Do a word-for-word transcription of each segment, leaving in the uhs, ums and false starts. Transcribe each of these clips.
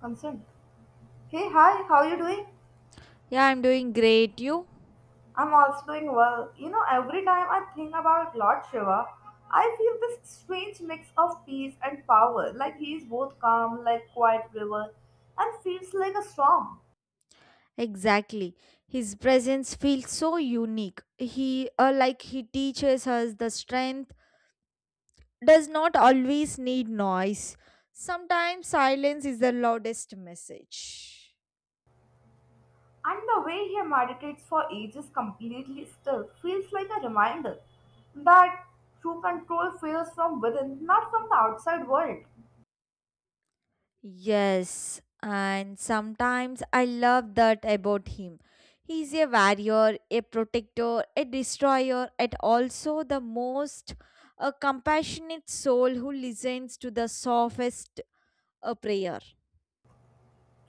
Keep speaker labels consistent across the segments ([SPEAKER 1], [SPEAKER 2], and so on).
[SPEAKER 1] Consent. Hey, hi, how you doing?
[SPEAKER 2] Yeah, I'm doing great. You?
[SPEAKER 1] I'm also doing well. You know, every time I think about Lord Shiva, I feel this strange mix of peace and power. Like he is both calm, like quiet river, and feels like a storm.
[SPEAKER 2] Exactly. His presence feels so unique. He, uh, like he teaches us the strength does not always need noise. Sometimes silence is the loudest message.
[SPEAKER 1] And the way he meditates for ages completely still feels like a reminder that true control feels from within, not from the outside world.
[SPEAKER 2] Yes, and sometimes I love that about him. He's a warrior, a protector, a destroyer, and also the most a compassionate soul who listens to the softest a prayer.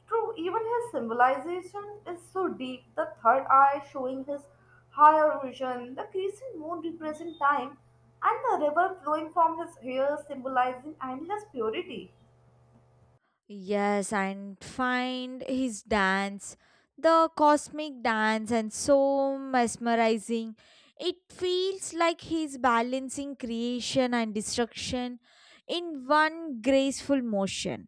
[SPEAKER 1] True, even his symbolization is so deep. The third eye showing his higher vision, the crescent moon represents time, and the river flowing from his hair symbolizing endless purity.
[SPEAKER 2] Yes, and find his dance, the cosmic dance, and so mesmerizing. It feels like he's balancing creation and destruction in one graceful motion.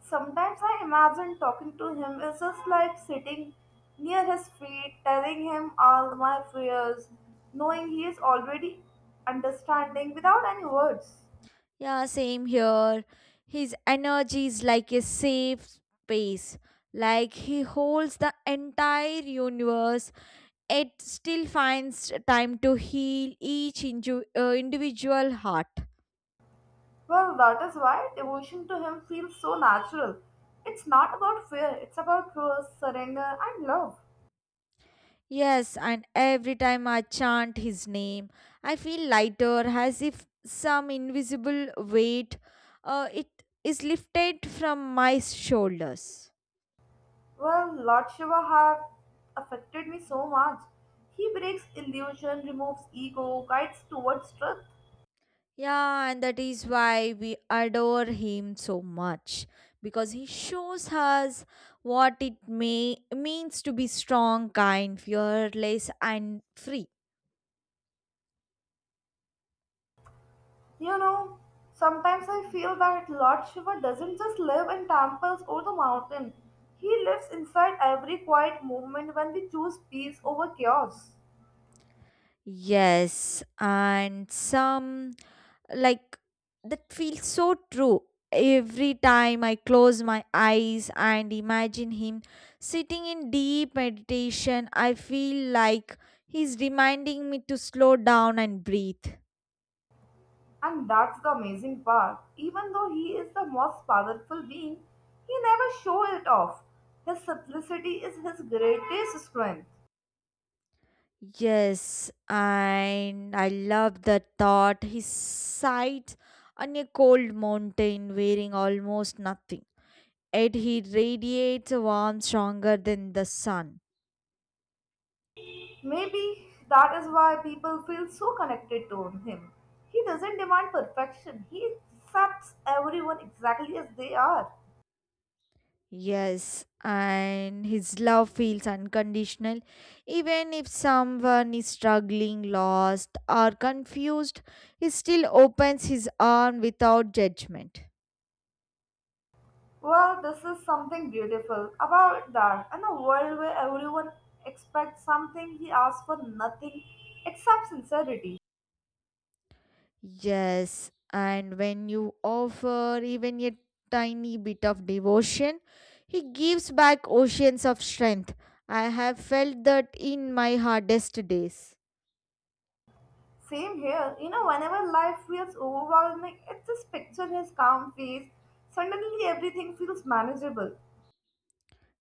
[SPEAKER 1] Sometimes I imagine talking to him is just like sitting near his feet, telling him all my fears, knowing he is already understanding without any words.
[SPEAKER 2] Yeah, same here. His energy is like a safe space, like he holds the entire universe it still finds time to heal each inju- uh, individual heart.
[SPEAKER 1] Well, that is why devotion to him feels so natural. It's not about fear, it's about trust, surrender, and love.
[SPEAKER 2] Yes, and every time I chant his name, I feel lighter, as if some invisible weight uh, it is lifted from my shoulders.
[SPEAKER 1] Well, Lord Shiva have affected me so much. He breaks illusion, removes ego, guides towards truth.
[SPEAKER 2] Yeah, and that is why we adore him so much because he shows us what it may means to be strong, kind, fearless, and free.
[SPEAKER 1] You know, sometimes I feel that Lord Shiva doesn't just live in temples or the mountain. He lives inside every quiet movement when we choose peace over chaos.
[SPEAKER 2] Yes, and some like that feels so true. Every time I close my eyes and imagine him sitting in deep meditation, I feel like he's reminding me to slow down and breathe.
[SPEAKER 1] And that's the amazing part. Even though he is the most powerful being, he never shows it off. His simplicity is his greatest strength.
[SPEAKER 2] Yes, and I love the thought his sight on a cold mountain wearing almost nothing, yet he radiates a warmth stronger than the sun.
[SPEAKER 1] Maybe that is why people feel so connected to him. He doesn't demand perfection, he accepts everyone exactly as they are.
[SPEAKER 2] Yes, and his love feels unconditional. Even if someone is struggling, lost, or confused, he still opens his arm without judgment.
[SPEAKER 1] Well, this is something beautiful about that. In a world where everyone expects something, he asks for nothing except sincerity.
[SPEAKER 2] Yes, and when you offer even a tiny bit of devotion, he gives back oceans of strength. I have felt that in my hardest days.
[SPEAKER 1] Same here. You know, whenever life feels overwhelming, I just picture his calm face. Suddenly, everything feels manageable.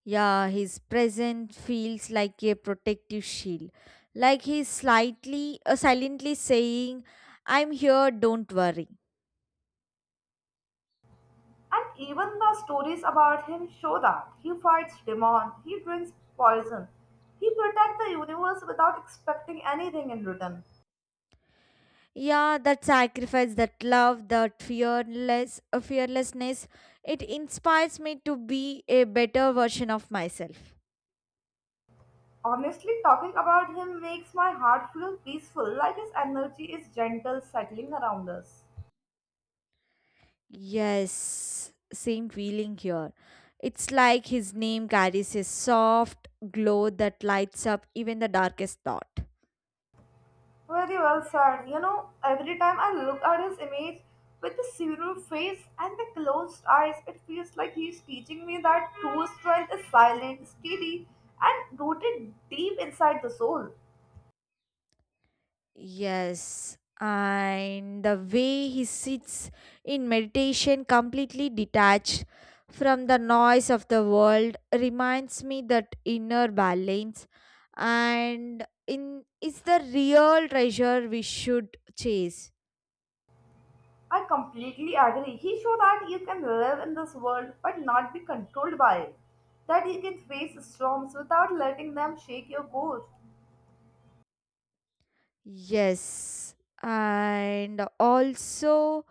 [SPEAKER 2] Yeah, his presence feels like a protective shield. Like he's slightly, uh, silently saying, I'm here, don't worry.
[SPEAKER 1] And even the stories about him show that he fights demon, he drinks poison, he protects the universe without expecting anything in return.
[SPEAKER 2] Yeah, that sacrifice, that love, that fearless, uh, fearlessness, it inspires me to be a better version of myself.
[SPEAKER 1] Honestly, talking about him makes my heart feel peaceful, like his energy is gentle, settling around us.
[SPEAKER 2] Yes, same feeling here. It's like his name carries a soft glow that lights up even the darkest thought.
[SPEAKER 1] Very well said. You know, every time I look at his image with the serial face and the closed eyes, it feels like he's teaching me that true strength is silent, steady, and rooted deep inside the soul.
[SPEAKER 2] Yes, and the way he sits in meditation, completely detached from the noise of the world, reminds me that inner balance and in is the real treasure we should chase.
[SPEAKER 1] I completely agree. He showed that you can live in this world but not be controlled by it, that you can face storms without letting them shake your core.
[SPEAKER 2] Yes, and also.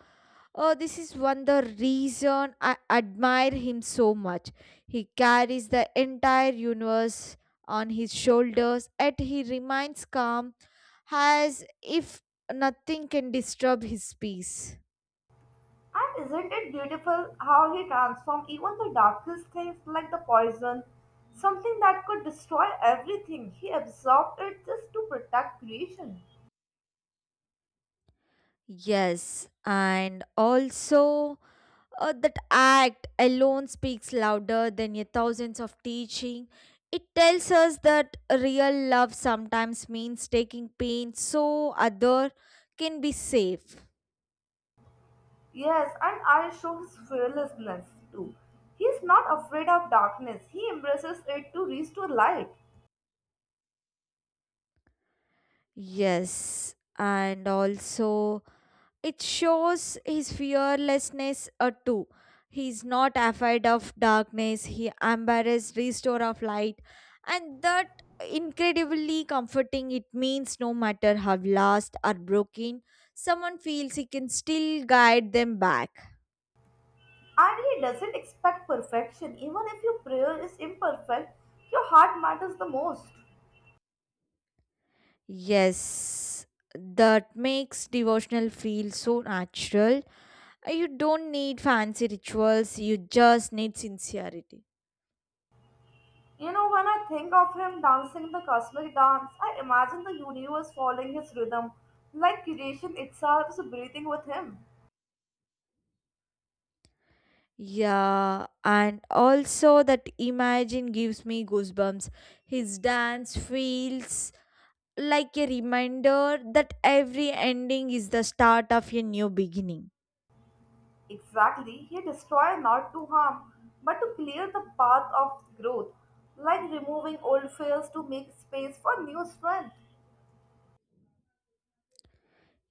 [SPEAKER 2] Oh, this is one the reason I admire him so much. He carries the entire universe on his shoulders, yet he remains calm as if nothing can disturb his peace.
[SPEAKER 1] And isn't it beautiful how he transformed even the darkest things like the poison, something that could destroy everything, he absorbed it just to protect creation.
[SPEAKER 2] Yes, and also uh, that act alone speaks louder than a thousands of teaching. It tells us that real love sometimes means taking pain so other can be safe.
[SPEAKER 1] Yes, and I show his fearlessness too. He's not afraid of darkness, he embraces it to reach to light.
[SPEAKER 2] Yes, and also it shows his fearlessness uh, too. He's not afraid of darkness. He embraces restore of light, and that incredibly comforting. It means no matter how lost or broken someone feels, he can still guide them back.
[SPEAKER 1] And he doesn't expect perfection, even if your prayer is imperfect, your heart matters the most.
[SPEAKER 2] Yes, that makes devotional feel so natural. Uh, You don't need fancy rituals. You just need sincerity.
[SPEAKER 1] You know, when I think of him dancing the cosmic dance, I imagine the universe following his rhythm, like creation itself is breathing with him.
[SPEAKER 2] Yeah, and also that imagine gives me goosebumps. His dance feels like a reminder that every ending is the start of a new beginning.
[SPEAKER 1] Exactly, he destroys not to harm, but to clear the path of growth, like removing old fears to make space for new strength.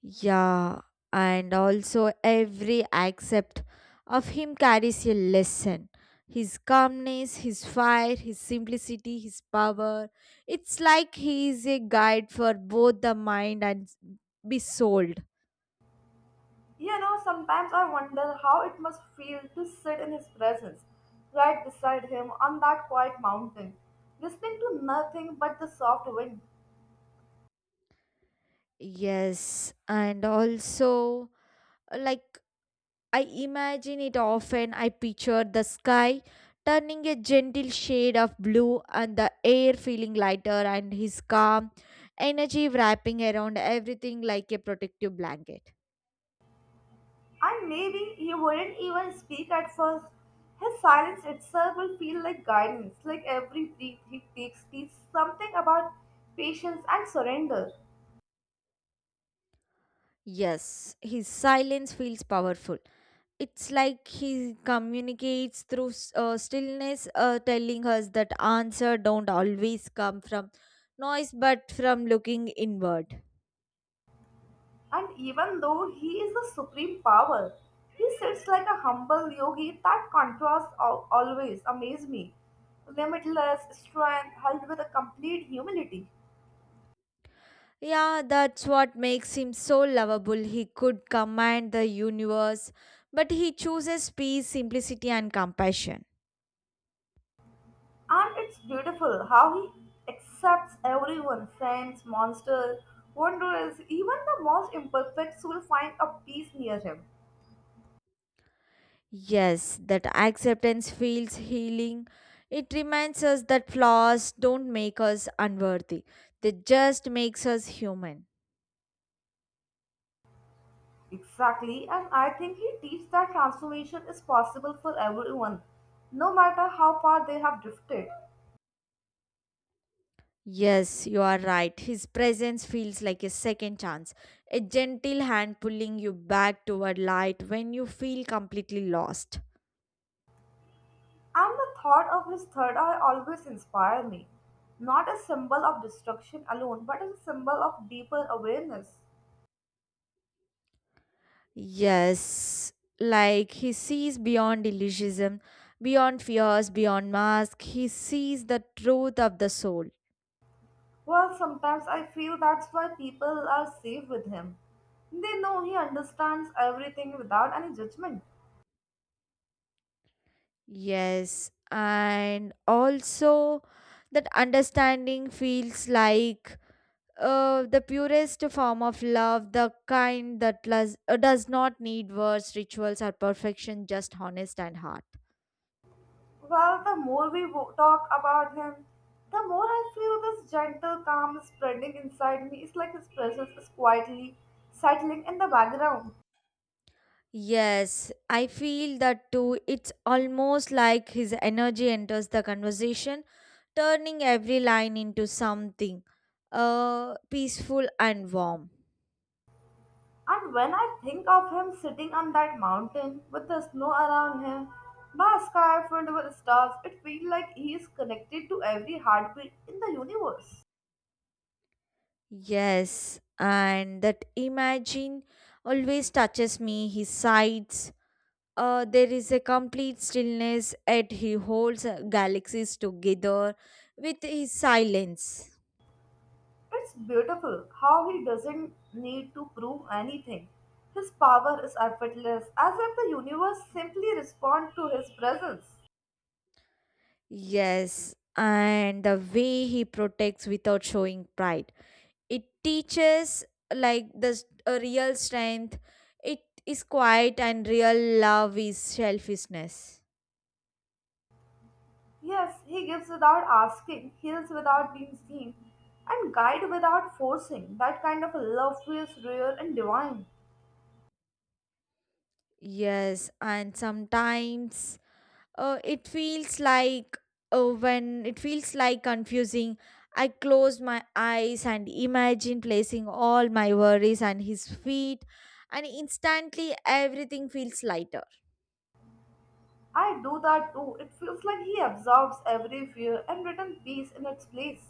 [SPEAKER 2] Yeah, and also every accept of him carries a lesson. His calmness, his fire, his simplicity, his power. It's like he is a guide for both the mind and be soul.
[SPEAKER 1] You know, sometimes I wonder how it must feel to sit in his presence, right beside him on that quiet mountain, listening to nothing but the soft wind.
[SPEAKER 2] Yes, and also, uh, like, I imagine it often. I picture the sky turning a gentle shade of blue and the air feeling lighter, and his calm energy wrapping around everything like a protective blanket.
[SPEAKER 1] And maybe he wouldn't even speak at first. His silence itself will feel like guidance, like every breath he takes teaches something about patience and surrender.
[SPEAKER 2] Yes, his silence feels powerful. It's like he communicates through s- uh, stillness, uh, telling us that answer don't always come from noise, but from looking inward.
[SPEAKER 1] And even though he is the supreme power, he sits like a humble yogi. That contrast al- always amazed me. Limitless strength held with a complete humility.
[SPEAKER 2] Yeah, that's what makes him so lovable. He could command the universe, but he chooses peace, simplicity, and compassion.
[SPEAKER 1] And it's beautiful how he accepts everyone friends, monsters, wanderers, even the most imperfects will find a peace near him.
[SPEAKER 2] Yes, that acceptance feels healing. It reminds us that flaws don't make us unworthy. They just makes us human.
[SPEAKER 1] Exactly, and I think he teaches that transformation is possible for everyone, no matter how far they have drifted.
[SPEAKER 2] Yes, you are right. His presence feels like a second chance, a gentle hand pulling you back toward light when you feel completely lost.
[SPEAKER 1] And the thought of his third eye always inspires me. Not a symbol of destruction alone, but as a symbol of deeper awareness.
[SPEAKER 2] Yes, like he sees beyond illusionism, beyond fears, beyond mask. He sees the truth of the soul.
[SPEAKER 1] Well, sometimes I feel that's why people are safe with him. They know he understands everything without any judgment.
[SPEAKER 2] Yes, and also that understanding feels like uh, the purest form of love, the kind that las- uh, does not need words, rituals, or perfection, just honest and heart.
[SPEAKER 1] Well, the more we wo- talk about him, the more I feel this gentle calm spreading inside me. It's like his presence is quietly settling in the background.
[SPEAKER 2] Yes, I feel that too. It's almost like his energy enters the conversation, turning every line into something uh, peaceful and warm.
[SPEAKER 1] And when I think of him sitting on that mountain with the snow around him, the sky filled with stars, it feels like he is connected to every heartbeat in the universe.
[SPEAKER 2] Yes, and that imagine always touches me. He sighs. Uh, there is a complete stillness, yet he holds uh, galaxies together with his silence.
[SPEAKER 1] It's beautiful how he doesn't need to prove anything. His power is effortless, as if the universe simply responds to his presence.
[SPEAKER 2] Yes, and the way he protects without showing pride, it teaches like this a real strength. It is quiet and real love is selfishness.
[SPEAKER 1] Yes, he gives without asking, heals without being seen, and guides without forcing. That kind of love feels rare and divine.
[SPEAKER 2] Yes, and sometimes uh, it feels like uh, when it feels like confusing, I close my eyes and imagine placing all my worries on his feet, and instantly everything feels lighter.
[SPEAKER 1] I do that too. It feels like he absorbs every fear and returns peace in its place.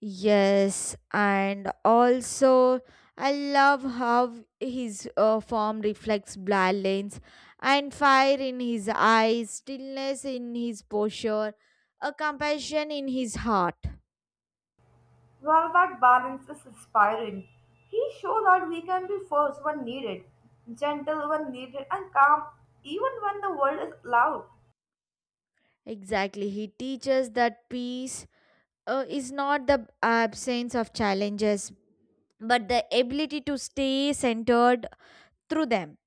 [SPEAKER 2] Yes, and also I love how his uh, form reflects balance and fire in his eyes, stillness in his posture, a compassion in his heart.
[SPEAKER 1] Well, that balance is inspiring. He showed that we can be first when needed, gentle when needed, and calm even when the world is loud.
[SPEAKER 2] Exactly, he teaches that peace uh, is not the absence of challenges, but the ability to stay centered through them.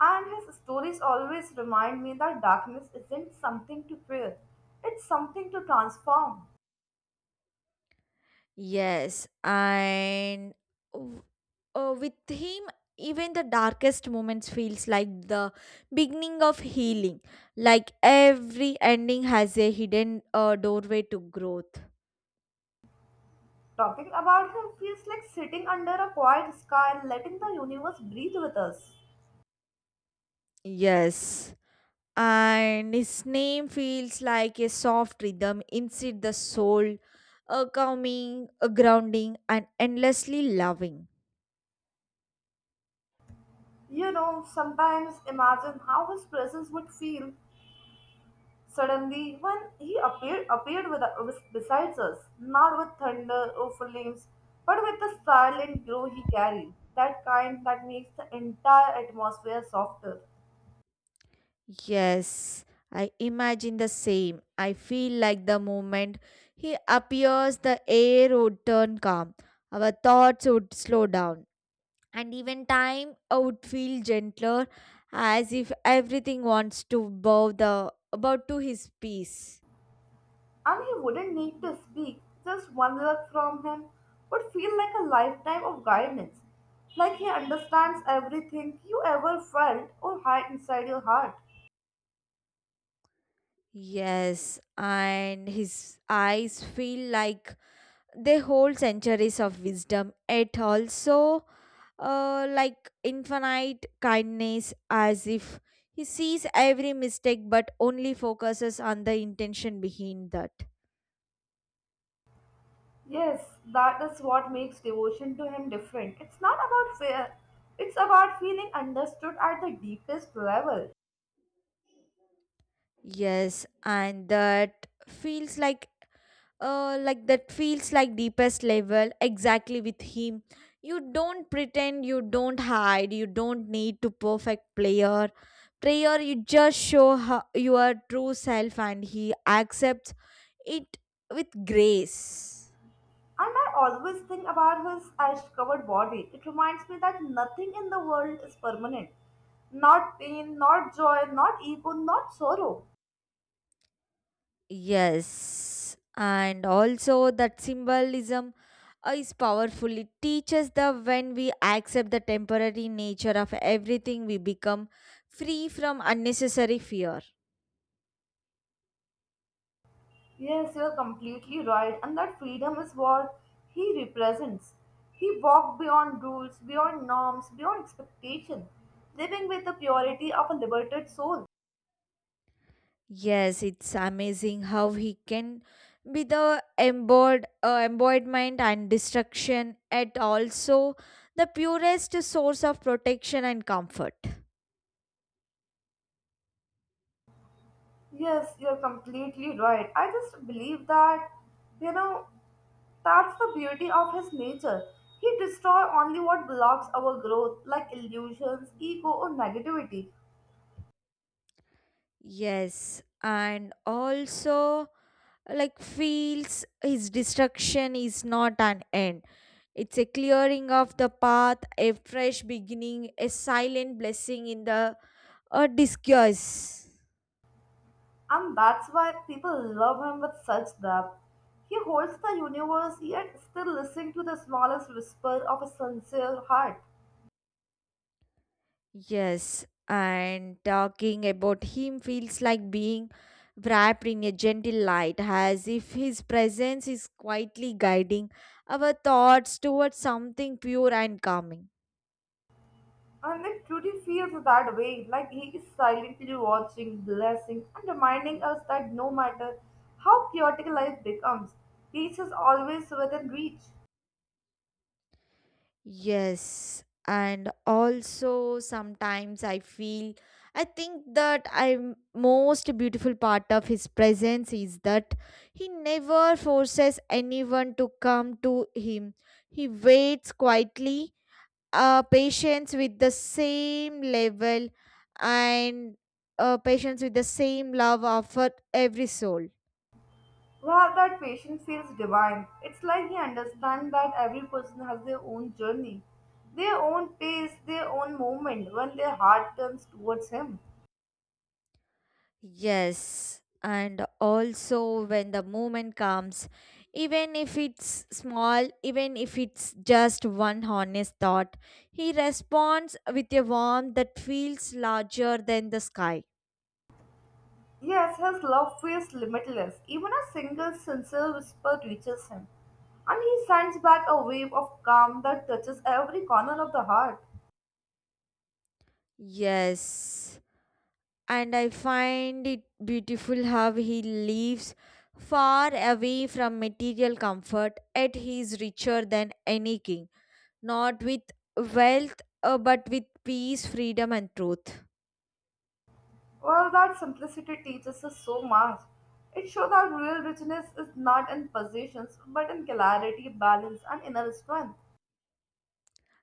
[SPEAKER 1] And his stories always remind me that darkness isn't something to fear, it's something to transform.
[SPEAKER 2] Yes, and w- uh, with him, even the darkest moments feels like the beginning of healing. Like every ending has a hidden uh, doorway to growth.
[SPEAKER 1] Talking about him feels like sitting under a quiet sky and letting the universe breathe with us.
[SPEAKER 2] Yes, and his name feels like a soft rhythm inside the soul, a calming, a grounding, and endlessly loving.
[SPEAKER 1] You know, sometimes imagine how his presence would feel. Suddenly, when he appeared, appeared with, with, besides us, not with thunder or flames, but with the silent glow he carried, that kind that makes the entire atmosphere softer.
[SPEAKER 2] Yes, I imagine the same. I feel like the moment he appears, the air would turn calm, our thoughts would slow down, and even time uh, would feel gentler, as if everything wants to bow the about to his peace.
[SPEAKER 1] And he wouldn't need to speak, just one look from him would feel like a lifetime of guidance, like he understands everything you ever felt or hide inside your heart.
[SPEAKER 2] Yes, and his eyes feel like they hold centuries of wisdom. It also uh, like infinite kindness as if he sees every mistake but only focuses on the intention behind that.
[SPEAKER 1] Yes, that is what makes devotion to him different. It's not about fear, it's about feeling understood at the deepest level.
[SPEAKER 2] Yes, and that feels like uh, like that feels like deepest level. Exactly, with him you don't pretend, you don't hide, you don't need to perfect player prayer, you just show her your true self and he accepts it with grace.
[SPEAKER 1] And I always think about his ash covered body. It reminds me that nothing in the world is permanent. Not pain, not joy, not ego, not sorrow.
[SPEAKER 2] Yes, and also that symbolism uh, is powerful. It teaches that when we accept the temporary nature of everything, we become free from unnecessary fear.
[SPEAKER 1] Yes, you're completely right, and that freedom is what he represents. He walked beyond rules, beyond norms, beyond expectation, living with the purity of a liberated soul.
[SPEAKER 2] Yes, it's amazing how he can be the embodied uh, embodiment and destruction, at also the purest source of protection and comfort.
[SPEAKER 1] Yes, you're completely right. I just believe that, you know, that's the beauty of his nature. He destroys only what blocks our growth, like illusions, ego, or negativity.
[SPEAKER 2] Yes, and also, like feels his destruction is not an end. It's a clearing of the path, a fresh beginning, a silent blessing in the a disguise.
[SPEAKER 1] And that's why people love him with such depth. He holds the universe, yet still listens to the smallest whisper of a sincere heart.
[SPEAKER 2] Yes, and talking about him feels like being wrapped in a gentle light, as if his presence is quietly guiding our thoughts towards something pure and calming.
[SPEAKER 1] And if Trudy feels that way, like he is silently watching, blessing, and reminding us that no matter how chaotic life becomes, peace is always within reach.
[SPEAKER 2] Yes, and also sometimes I feel I think that I'm most beautiful part of his presence is that he never forces anyone to come to him. He waits quietly, uh, patience with the same level and uh, patience with the same love offered every soul.
[SPEAKER 1] Well, that patient feels divine. It's like he understands that every person has their own journey, their own pace, their own moment when their heart turns towards him.
[SPEAKER 2] Yes, and also when the moment comes, even if it's small, even if it's just one honest thought, he responds with a warmth that feels larger than the sky.
[SPEAKER 1] Yes, his love feels limitless. Even a single sincere whisper reaches him, and he sends back a wave of calm that touches every corner of the heart.
[SPEAKER 2] Yes, and I find it beautiful how he lives far away from material comfort, yet he is richer than any king, not with wealth, uh, but with peace, freedom, and truth.
[SPEAKER 1] Well, that simplicity teaches us so much. It shows that real richness is not in possessions, but in clarity, balance, and inner strength.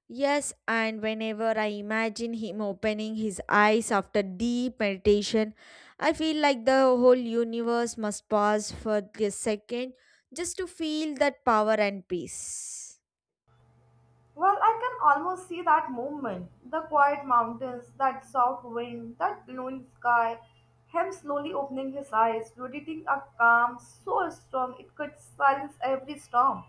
[SPEAKER 2] Yes, and whenever I imagine him opening his eyes after deep meditation, I feel like the whole universe must pause for a second just to feel that power and peace.
[SPEAKER 1] Well, I can almost see that movement. The quiet mountains, that soft wind, that blue sky, him slowly opening his eyes, radiating a calm so strong it could silence every storm.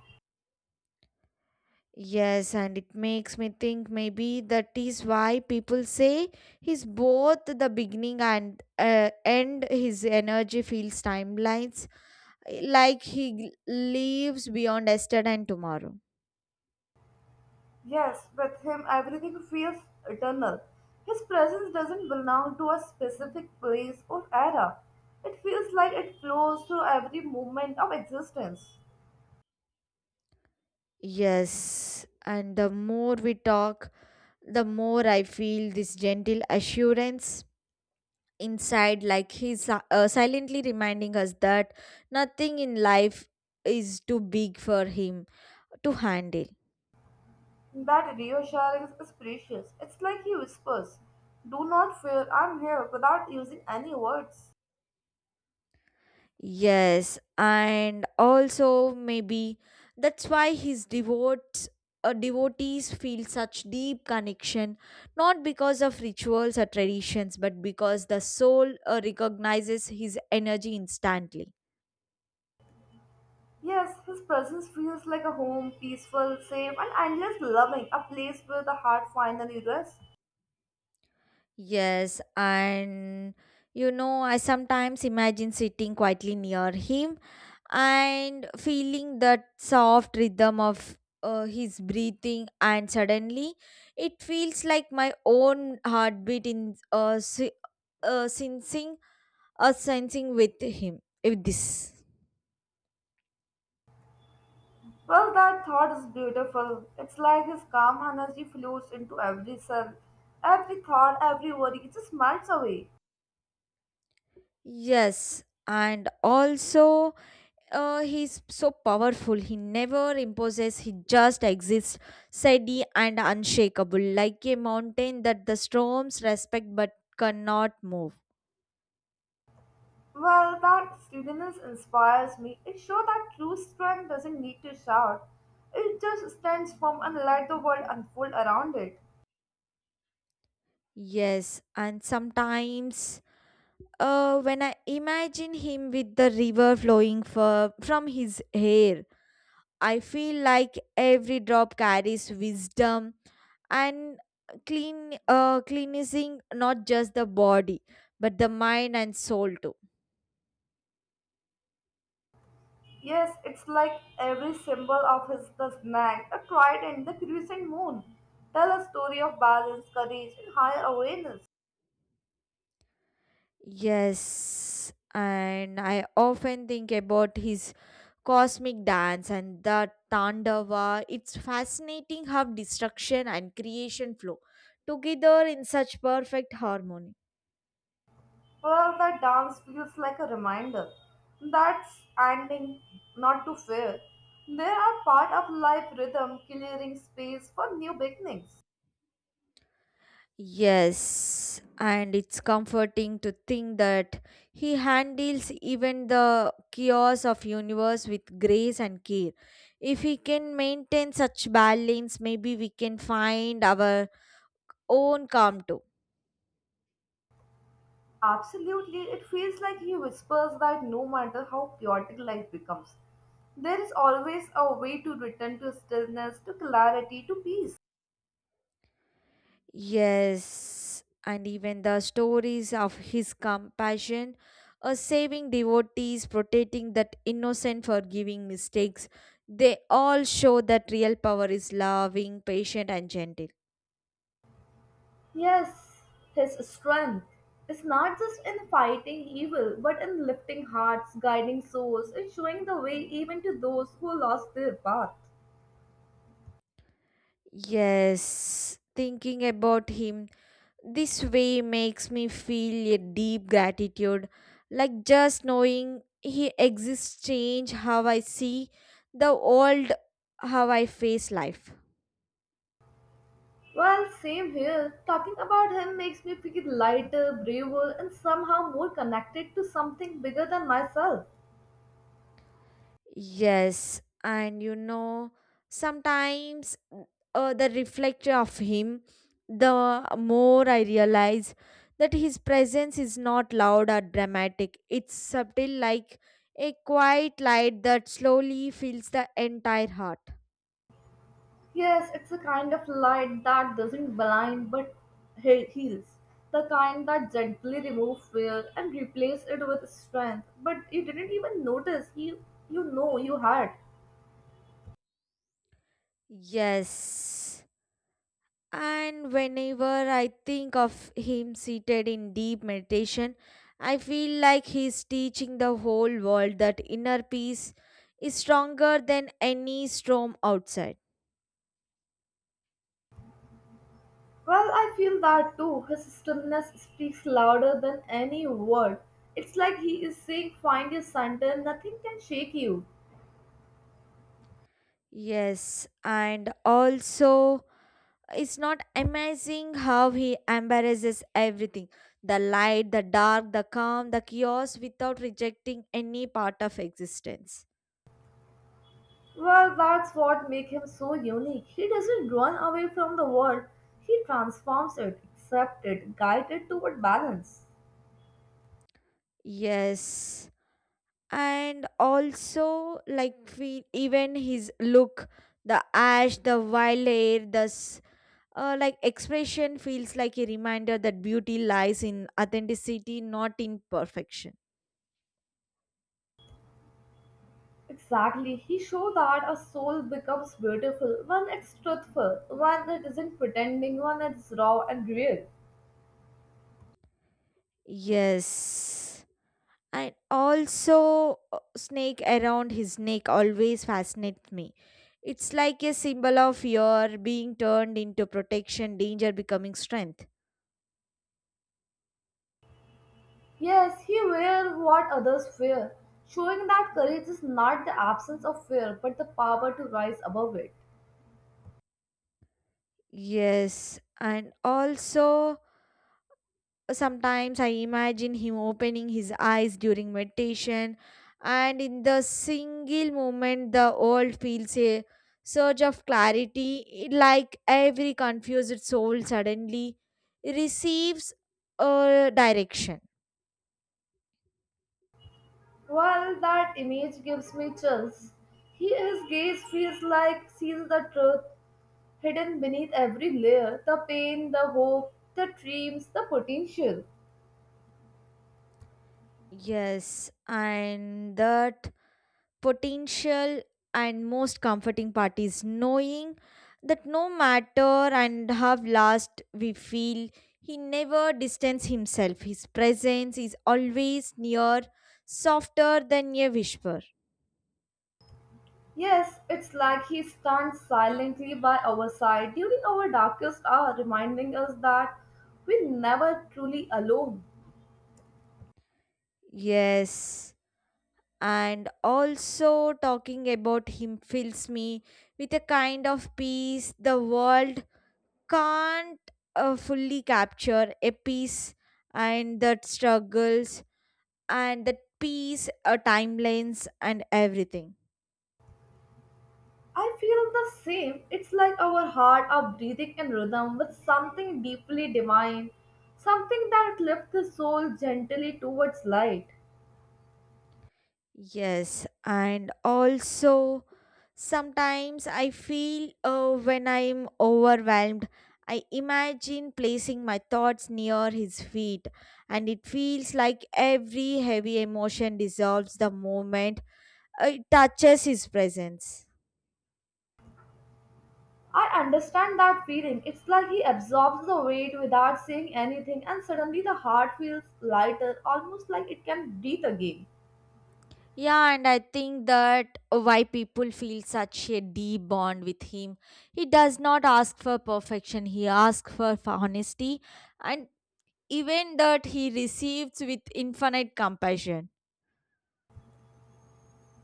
[SPEAKER 2] Yes, and it makes me think maybe that is why people say he's both the beginning and uh, end. His energy feels timelines, like he lives beyond yesterday and tomorrow.
[SPEAKER 1] Yes, with him everything feels eternal. His presence doesn't belong to a specific place or era. It feels like it flows through every moment of existence.
[SPEAKER 2] Yes, and the more we talk, the more I feel this gentle assurance inside, like he's si- uh, silently reminding us that nothing in life is too big for him to handle.
[SPEAKER 1] That reassurance is precious. It's like he whispers, "Do not fear, I'm here," without using any words.
[SPEAKER 2] Yes, and also maybe that's why his devotes. Uh, devotees feel such deep connection not because of rituals or traditions but because the soul uh, recognizes his energy instantly.
[SPEAKER 1] Yes, his presence feels like a home, peaceful, safe, and endless loving, a place where the heart finally rests.
[SPEAKER 2] Yes, and you know, I sometimes imagine sitting quietly near him and feeling that soft rhythm of uh, his breathing, and suddenly it feels like my own heartbeat in uh, si- uh, sensing uh, sensing with him. With this,
[SPEAKER 1] Well, that thought is beautiful. It's like his calm energy flows into every cell, every thought, every worry, it just melts away.
[SPEAKER 2] yes, and also. Uh, he's so powerful. He never imposes, he just exists, steady and unshakable, like a mountain that the storms respect but cannot move.
[SPEAKER 1] Well, that steadiness inspires me. It shows that true strength doesn't need to shout. It just stands firm and let the world unfold around it.
[SPEAKER 2] Yes, and sometimes uh, when I imagine him with the river flowing for, from his hair, I feel like every drop carries wisdom and clean uh, cleansing not just the body but the mind and soul too.
[SPEAKER 1] Yes, it's like every symbol of his the snag, a trident, the crescent moon. Tell a story of balance, courage, and higher awareness.
[SPEAKER 2] Yes, and I often think about his cosmic dance and the Tandava. It's fascinating how destruction and creation flow together in such perfect harmony.
[SPEAKER 1] Well, that dance feels like a reminder. That's ending not to fear. They are part of life rhythm, clearing space for new beginnings.
[SPEAKER 2] Yes, and it's comforting to think that he handles even the chaos of universe with grace and care. If he can maintain such balance, maybe we can find our own calm too.
[SPEAKER 1] Absolutely, it feels like he whispers that no matter how chaotic life becomes, there is always a way to return to stillness, to clarity, to peace.
[SPEAKER 2] Yes, and even the stories of his compassion, uh, saving devotees, protecting that innocent, forgiving mistakes, they all show that real power is loving, patient, and gentle.
[SPEAKER 1] Yes, his strength is not just in fighting evil, but in lifting hearts, guiding souls, and showing the way even to those who lost their path.
[SPEAKER 2] Yes, thinking about him this way makes me feel a deep gratitude. Like just knowing he exists change how I see the world, how I face life.
[SPEAKER 1] Well, same here. Talking about him makes me feel lighter, braver, and somehow more connected to something bigger than myself.
[SPEAKER 2] Yes, and you know, sometimes mm, uh, the reflection of him, the more I realize that his presence is not loud or dramatic. It's subtle, like a quiet light that slowly fills the entire heart.
[SPEAKER 1] Yes, it's a kind of light that doesn't blind but he- heals. The kind that gently removes fear and replaces it with strength. But you didn't even notice you you know you had.
[SPEAKER 2] Yes. And whenever I think of him seated in deep meditation, I feel like he's teaching the whole world that inner peace is stronger than any storm outside.
[SPEAKER 1] Well, I feel that too. His stillness speaks louder than any word. It's like he is saying, "Find your center. Nothing can shake you."
[SPEAKER 2] Yes, and also it's not amazing how he embarrasses everything, the light, the dark, the calm, the chaos without rejecting any part of existence.
[SPEAKER 1] Well, that's what makes him so unique. He doesn't run away from the world. He transforms it, accepts it, guides it toward balance.
[SPEAKER 2] Yes. And also, like, we even his look, the ash, the wild hair, the s- uh, like expression feels like a reminder that beauty lies in authenticity, not in perfection.
[SPEAKER 1] Exactly. He showed that a soul becomes beautiful when it's truthful, when it isn't pretending, when it's raw and real.
[SPEAKER 2] Yes, and also, uh, snake around his neck always fascinates me. It's like a symbol of fear being turned into protection, danger becoming strength.
[SPEAKER 1] Yes, he wears what others fear, showing that courage is not the absence of fear but the power to rise above it.
[SPEAKER 2] Yes, and also sometimes I imagine him opening his eyes during meditation, and in the single moment, the world feels a surge of clarity, it- like every confused soul suddenly receives a direction.
[SPEAKER 1] Well, that image gives me chills. He, his gaze feels like sees the truth hidden beneath every layer, the pain, the hope, the dreams, the potential.
[SPEAKER 2] Yes, and that potential and most comforting part is knowing that no matter and how last we feel, he never distanced himself. His presence is always near, softer than a whisper.
[SPEAKER 1] Yes, it's like he stands silently by our side during our darkest hour, reminding us that we're never truly alone.
[SPEAKER 2] Yes, and also talking about him fills me with a kind of peace the world can't uh, fully capture, a peace and that struggles and that peace, uh, timelines, and everything.
[SPEAKER 1] I feel the same. It's like our heart are breathing in rhythm with something deeply divine, something that lifts the soul gently towards light.
[SPEAKER 2] Yes, and also sometimes I feel uh, when I'm overwhelmed, I imagine placing my thoughts near his feet, and it feels like every heavy emotion dissolves the moment uh, it touches his presence.
[SPEAKER 1] I understand that feeling. It's like he absorbs the weight without saying anything, and suddenly the heart feels lighter, almost like it can breathe again.
[SPEAKER 2] Yeah, and I think that why people feel such a deep bond with him. He does not ask for perfection, he asks for, for honesty, and even that he receives with infinite compassion.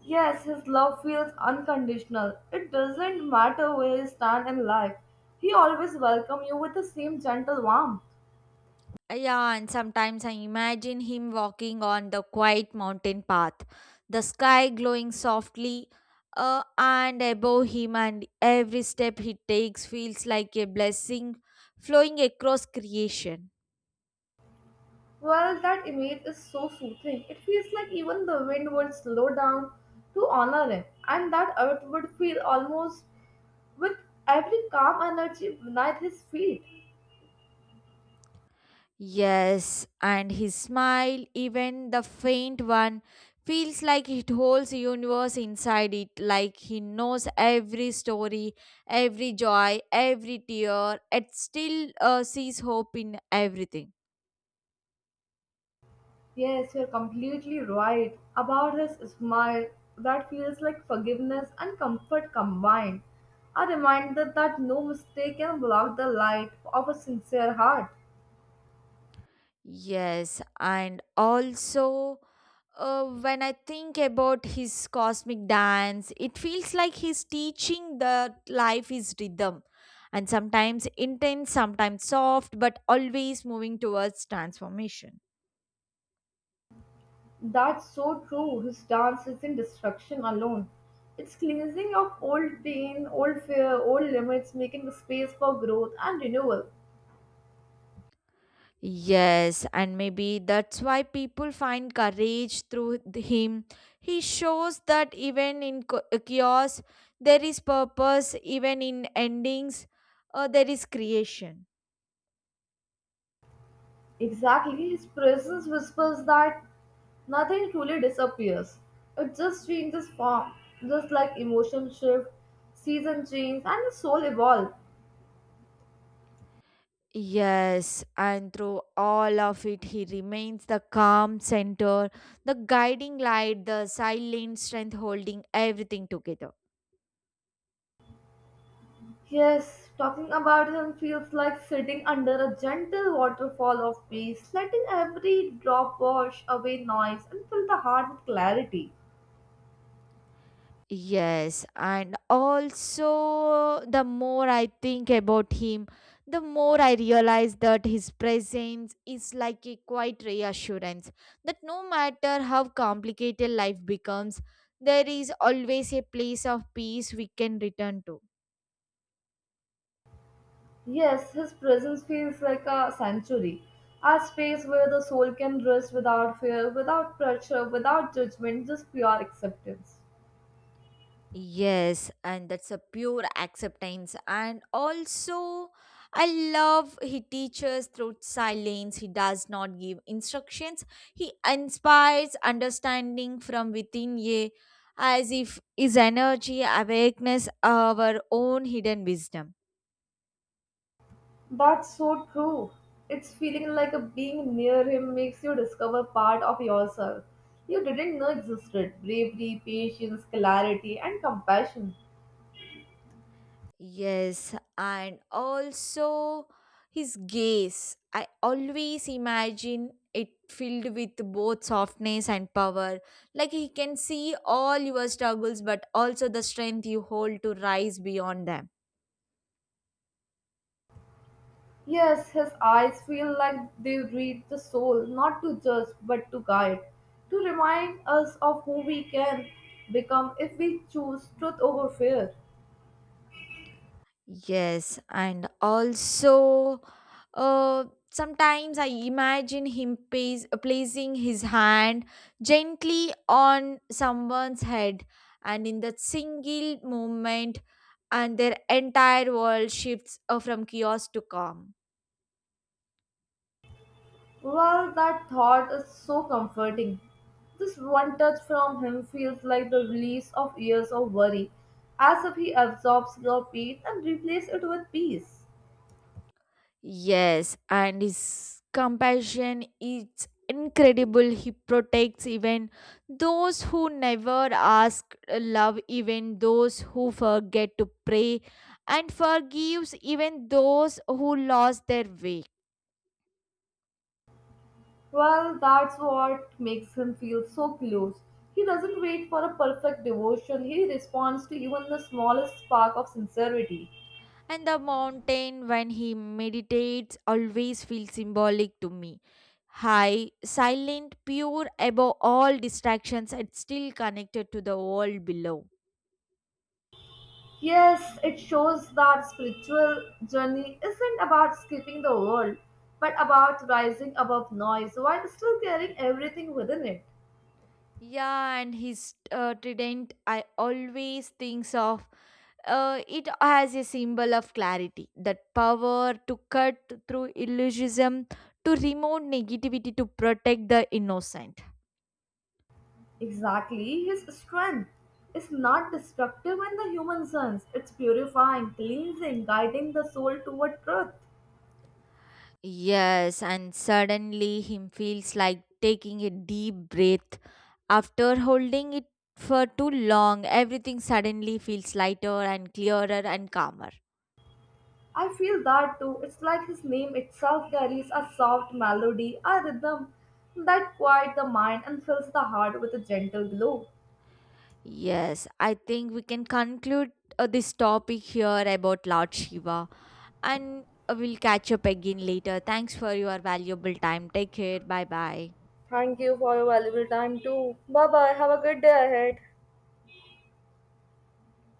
[SPEAKER 1] Yes, his love feels unconditional. It doesn't matter where you stand in life. He always welcomes you with the same gentle warmth.
[SPEAKER 2] Yeah, and sometimes I imagine him walking on the quiet mountain path, the sky glowing softly. Uh, and above him, and every step he takes feels like a blessing flowing across creation.
[SPEAKER 1] Well, that image is so soothing. It feels like even the wind would slow down to honor him, and that earth would feel almost with every calm energy beneath his feet.
[SPEAKER 2] Yes, and his smile, even the faint one, feels like it holds the universe inside it, like he knows every story, every joy, every tear, and still uh, sees hope in everything.
[SPEAKER 1] Yes, you're completely right about his smile that feels like forgiveness and comfort combined. A reminder that no mistake can block the light of a sincere heart.
[SPEAKER 2] Yes, and also, Uh, when I think about his cosmic dance, it feels like he's teaching that life is rhythm and sometimes intense, sometimes soft, but always moving towards transformation.
[SPEAKER 1] That's so true. His dance isn't destruction alone. It's cleansing of old pain, old fear, old limits, making space for growth and renewal.
[SPEAKER 2] Yes, and maybe that's why people find courage through th- him. He shows that even in co- uh, chaos, there is purpose, even in endings, uh, there is creation.
[SPEAKER 1] Exactly, his presence whispers that nothing truly disappears. It just changes form, just like emotion shift, season change, and the soul evolve.
[SPEAKER 2] Yes, and through all of it, he remains the calm center, the guiding light, the silent strength holding everything together.
[SPEAKER 1] Yes, talking about him feels like sitting under a gentle waterfall of peace, letting every drop wash away noise and fill the heart with clarity.
[SPEAKER 2] Yes, and also the more I think about him, the more I realize that his presence is like a quiet reassurance that no matter how complicated life becomes, there is always a place of peace we can return to.
[SPEAKER 1] Yes, his presence feels like a sanctuary, a space where the soul can rest without fear, without pressure, without judgment, just pure acceptance.
[SPEAKER 2] Yes, and that's a pure acceptance. And also, I love he teaches through silence. He does not give instructions. He inspires understanding from within, ye, as if his energy awakens our own hidden wisdom.
[SPEAKER 1] That's so true. It's feeling like a being near him makes you discover part of yourself you didn't know existed bravery, patience, clarity, and compassion.
[SPEAKER 2] Yes, and also his gaze. I always imagine it filled with both softness and power. Like he can see all your struggles, but also the strength you hold to rise beyond them.
[SPEAKER 1] Yes, his eyes feel like they read the soul, not to judge, but to guide, to remind us of who we can become if we choose truth over fear.
[SPEAKER 2] Yes, and also, uh, sometimes I imagine him pays, uh, placing his hand gently on someone's head, and in that single moment, and their entire world shifts uh, from chaos to calm.
[SPEAKER 1] Well, that thought is so comforting. This one touch from him feels like the release of years of worry, as if he absorbs your pain and replaces it with peace.
[SPEAKER 2] Yes, and his compassion is incredible. He protects even those who never ask love, even those who forget to pray, and forgives even those who lost their way.
[SPEAKER 1] Well, that's what makes him feel so close. He doesn't wait for a perfect devotion, he responds to even the smallest spark of sincerity.
[SPEAKER 2] And the mountain, when he meditates, always feels symbolic to me. High, silent, pure, above all distractions, and still connected to the world below.
[SPEAKER 1] Yes, it shows that spiritual journey isn't about skipping the world, but about rising above noise while still carrying everything within it.
[SPEAKER 2] Yeah, and his uh, trident, I always think of uh, it as a symbol of clarity, that power to cut through illusionism, to remove negativity, to protect the innocent.
[SPEAKER 1] Exactly, his strength is not destructive in the human sense, it's purifying, cleansing, guiding the soul toward truth.
[SPEAKER 2] Yes, and suddenly him feels like taking a deep breath. After holding it for too long, everything suddenly feels lighter and clearer and calmer.
[SPEAKER 1] I feel that too. It's like his name itself carries a soft melody, a rhythm that quiets the mind and fills the heart with a gentle glow.
[SPEAKER 2] Yes, I think we can conclude uh, this topic here about Lord Shiva and uh, we'll catch up again later. Thanks for your valuable time. Take care. Bye bye.
[SPEAKER 1] Thank you for your valuable time too. Bye bye. Have a good day ahead.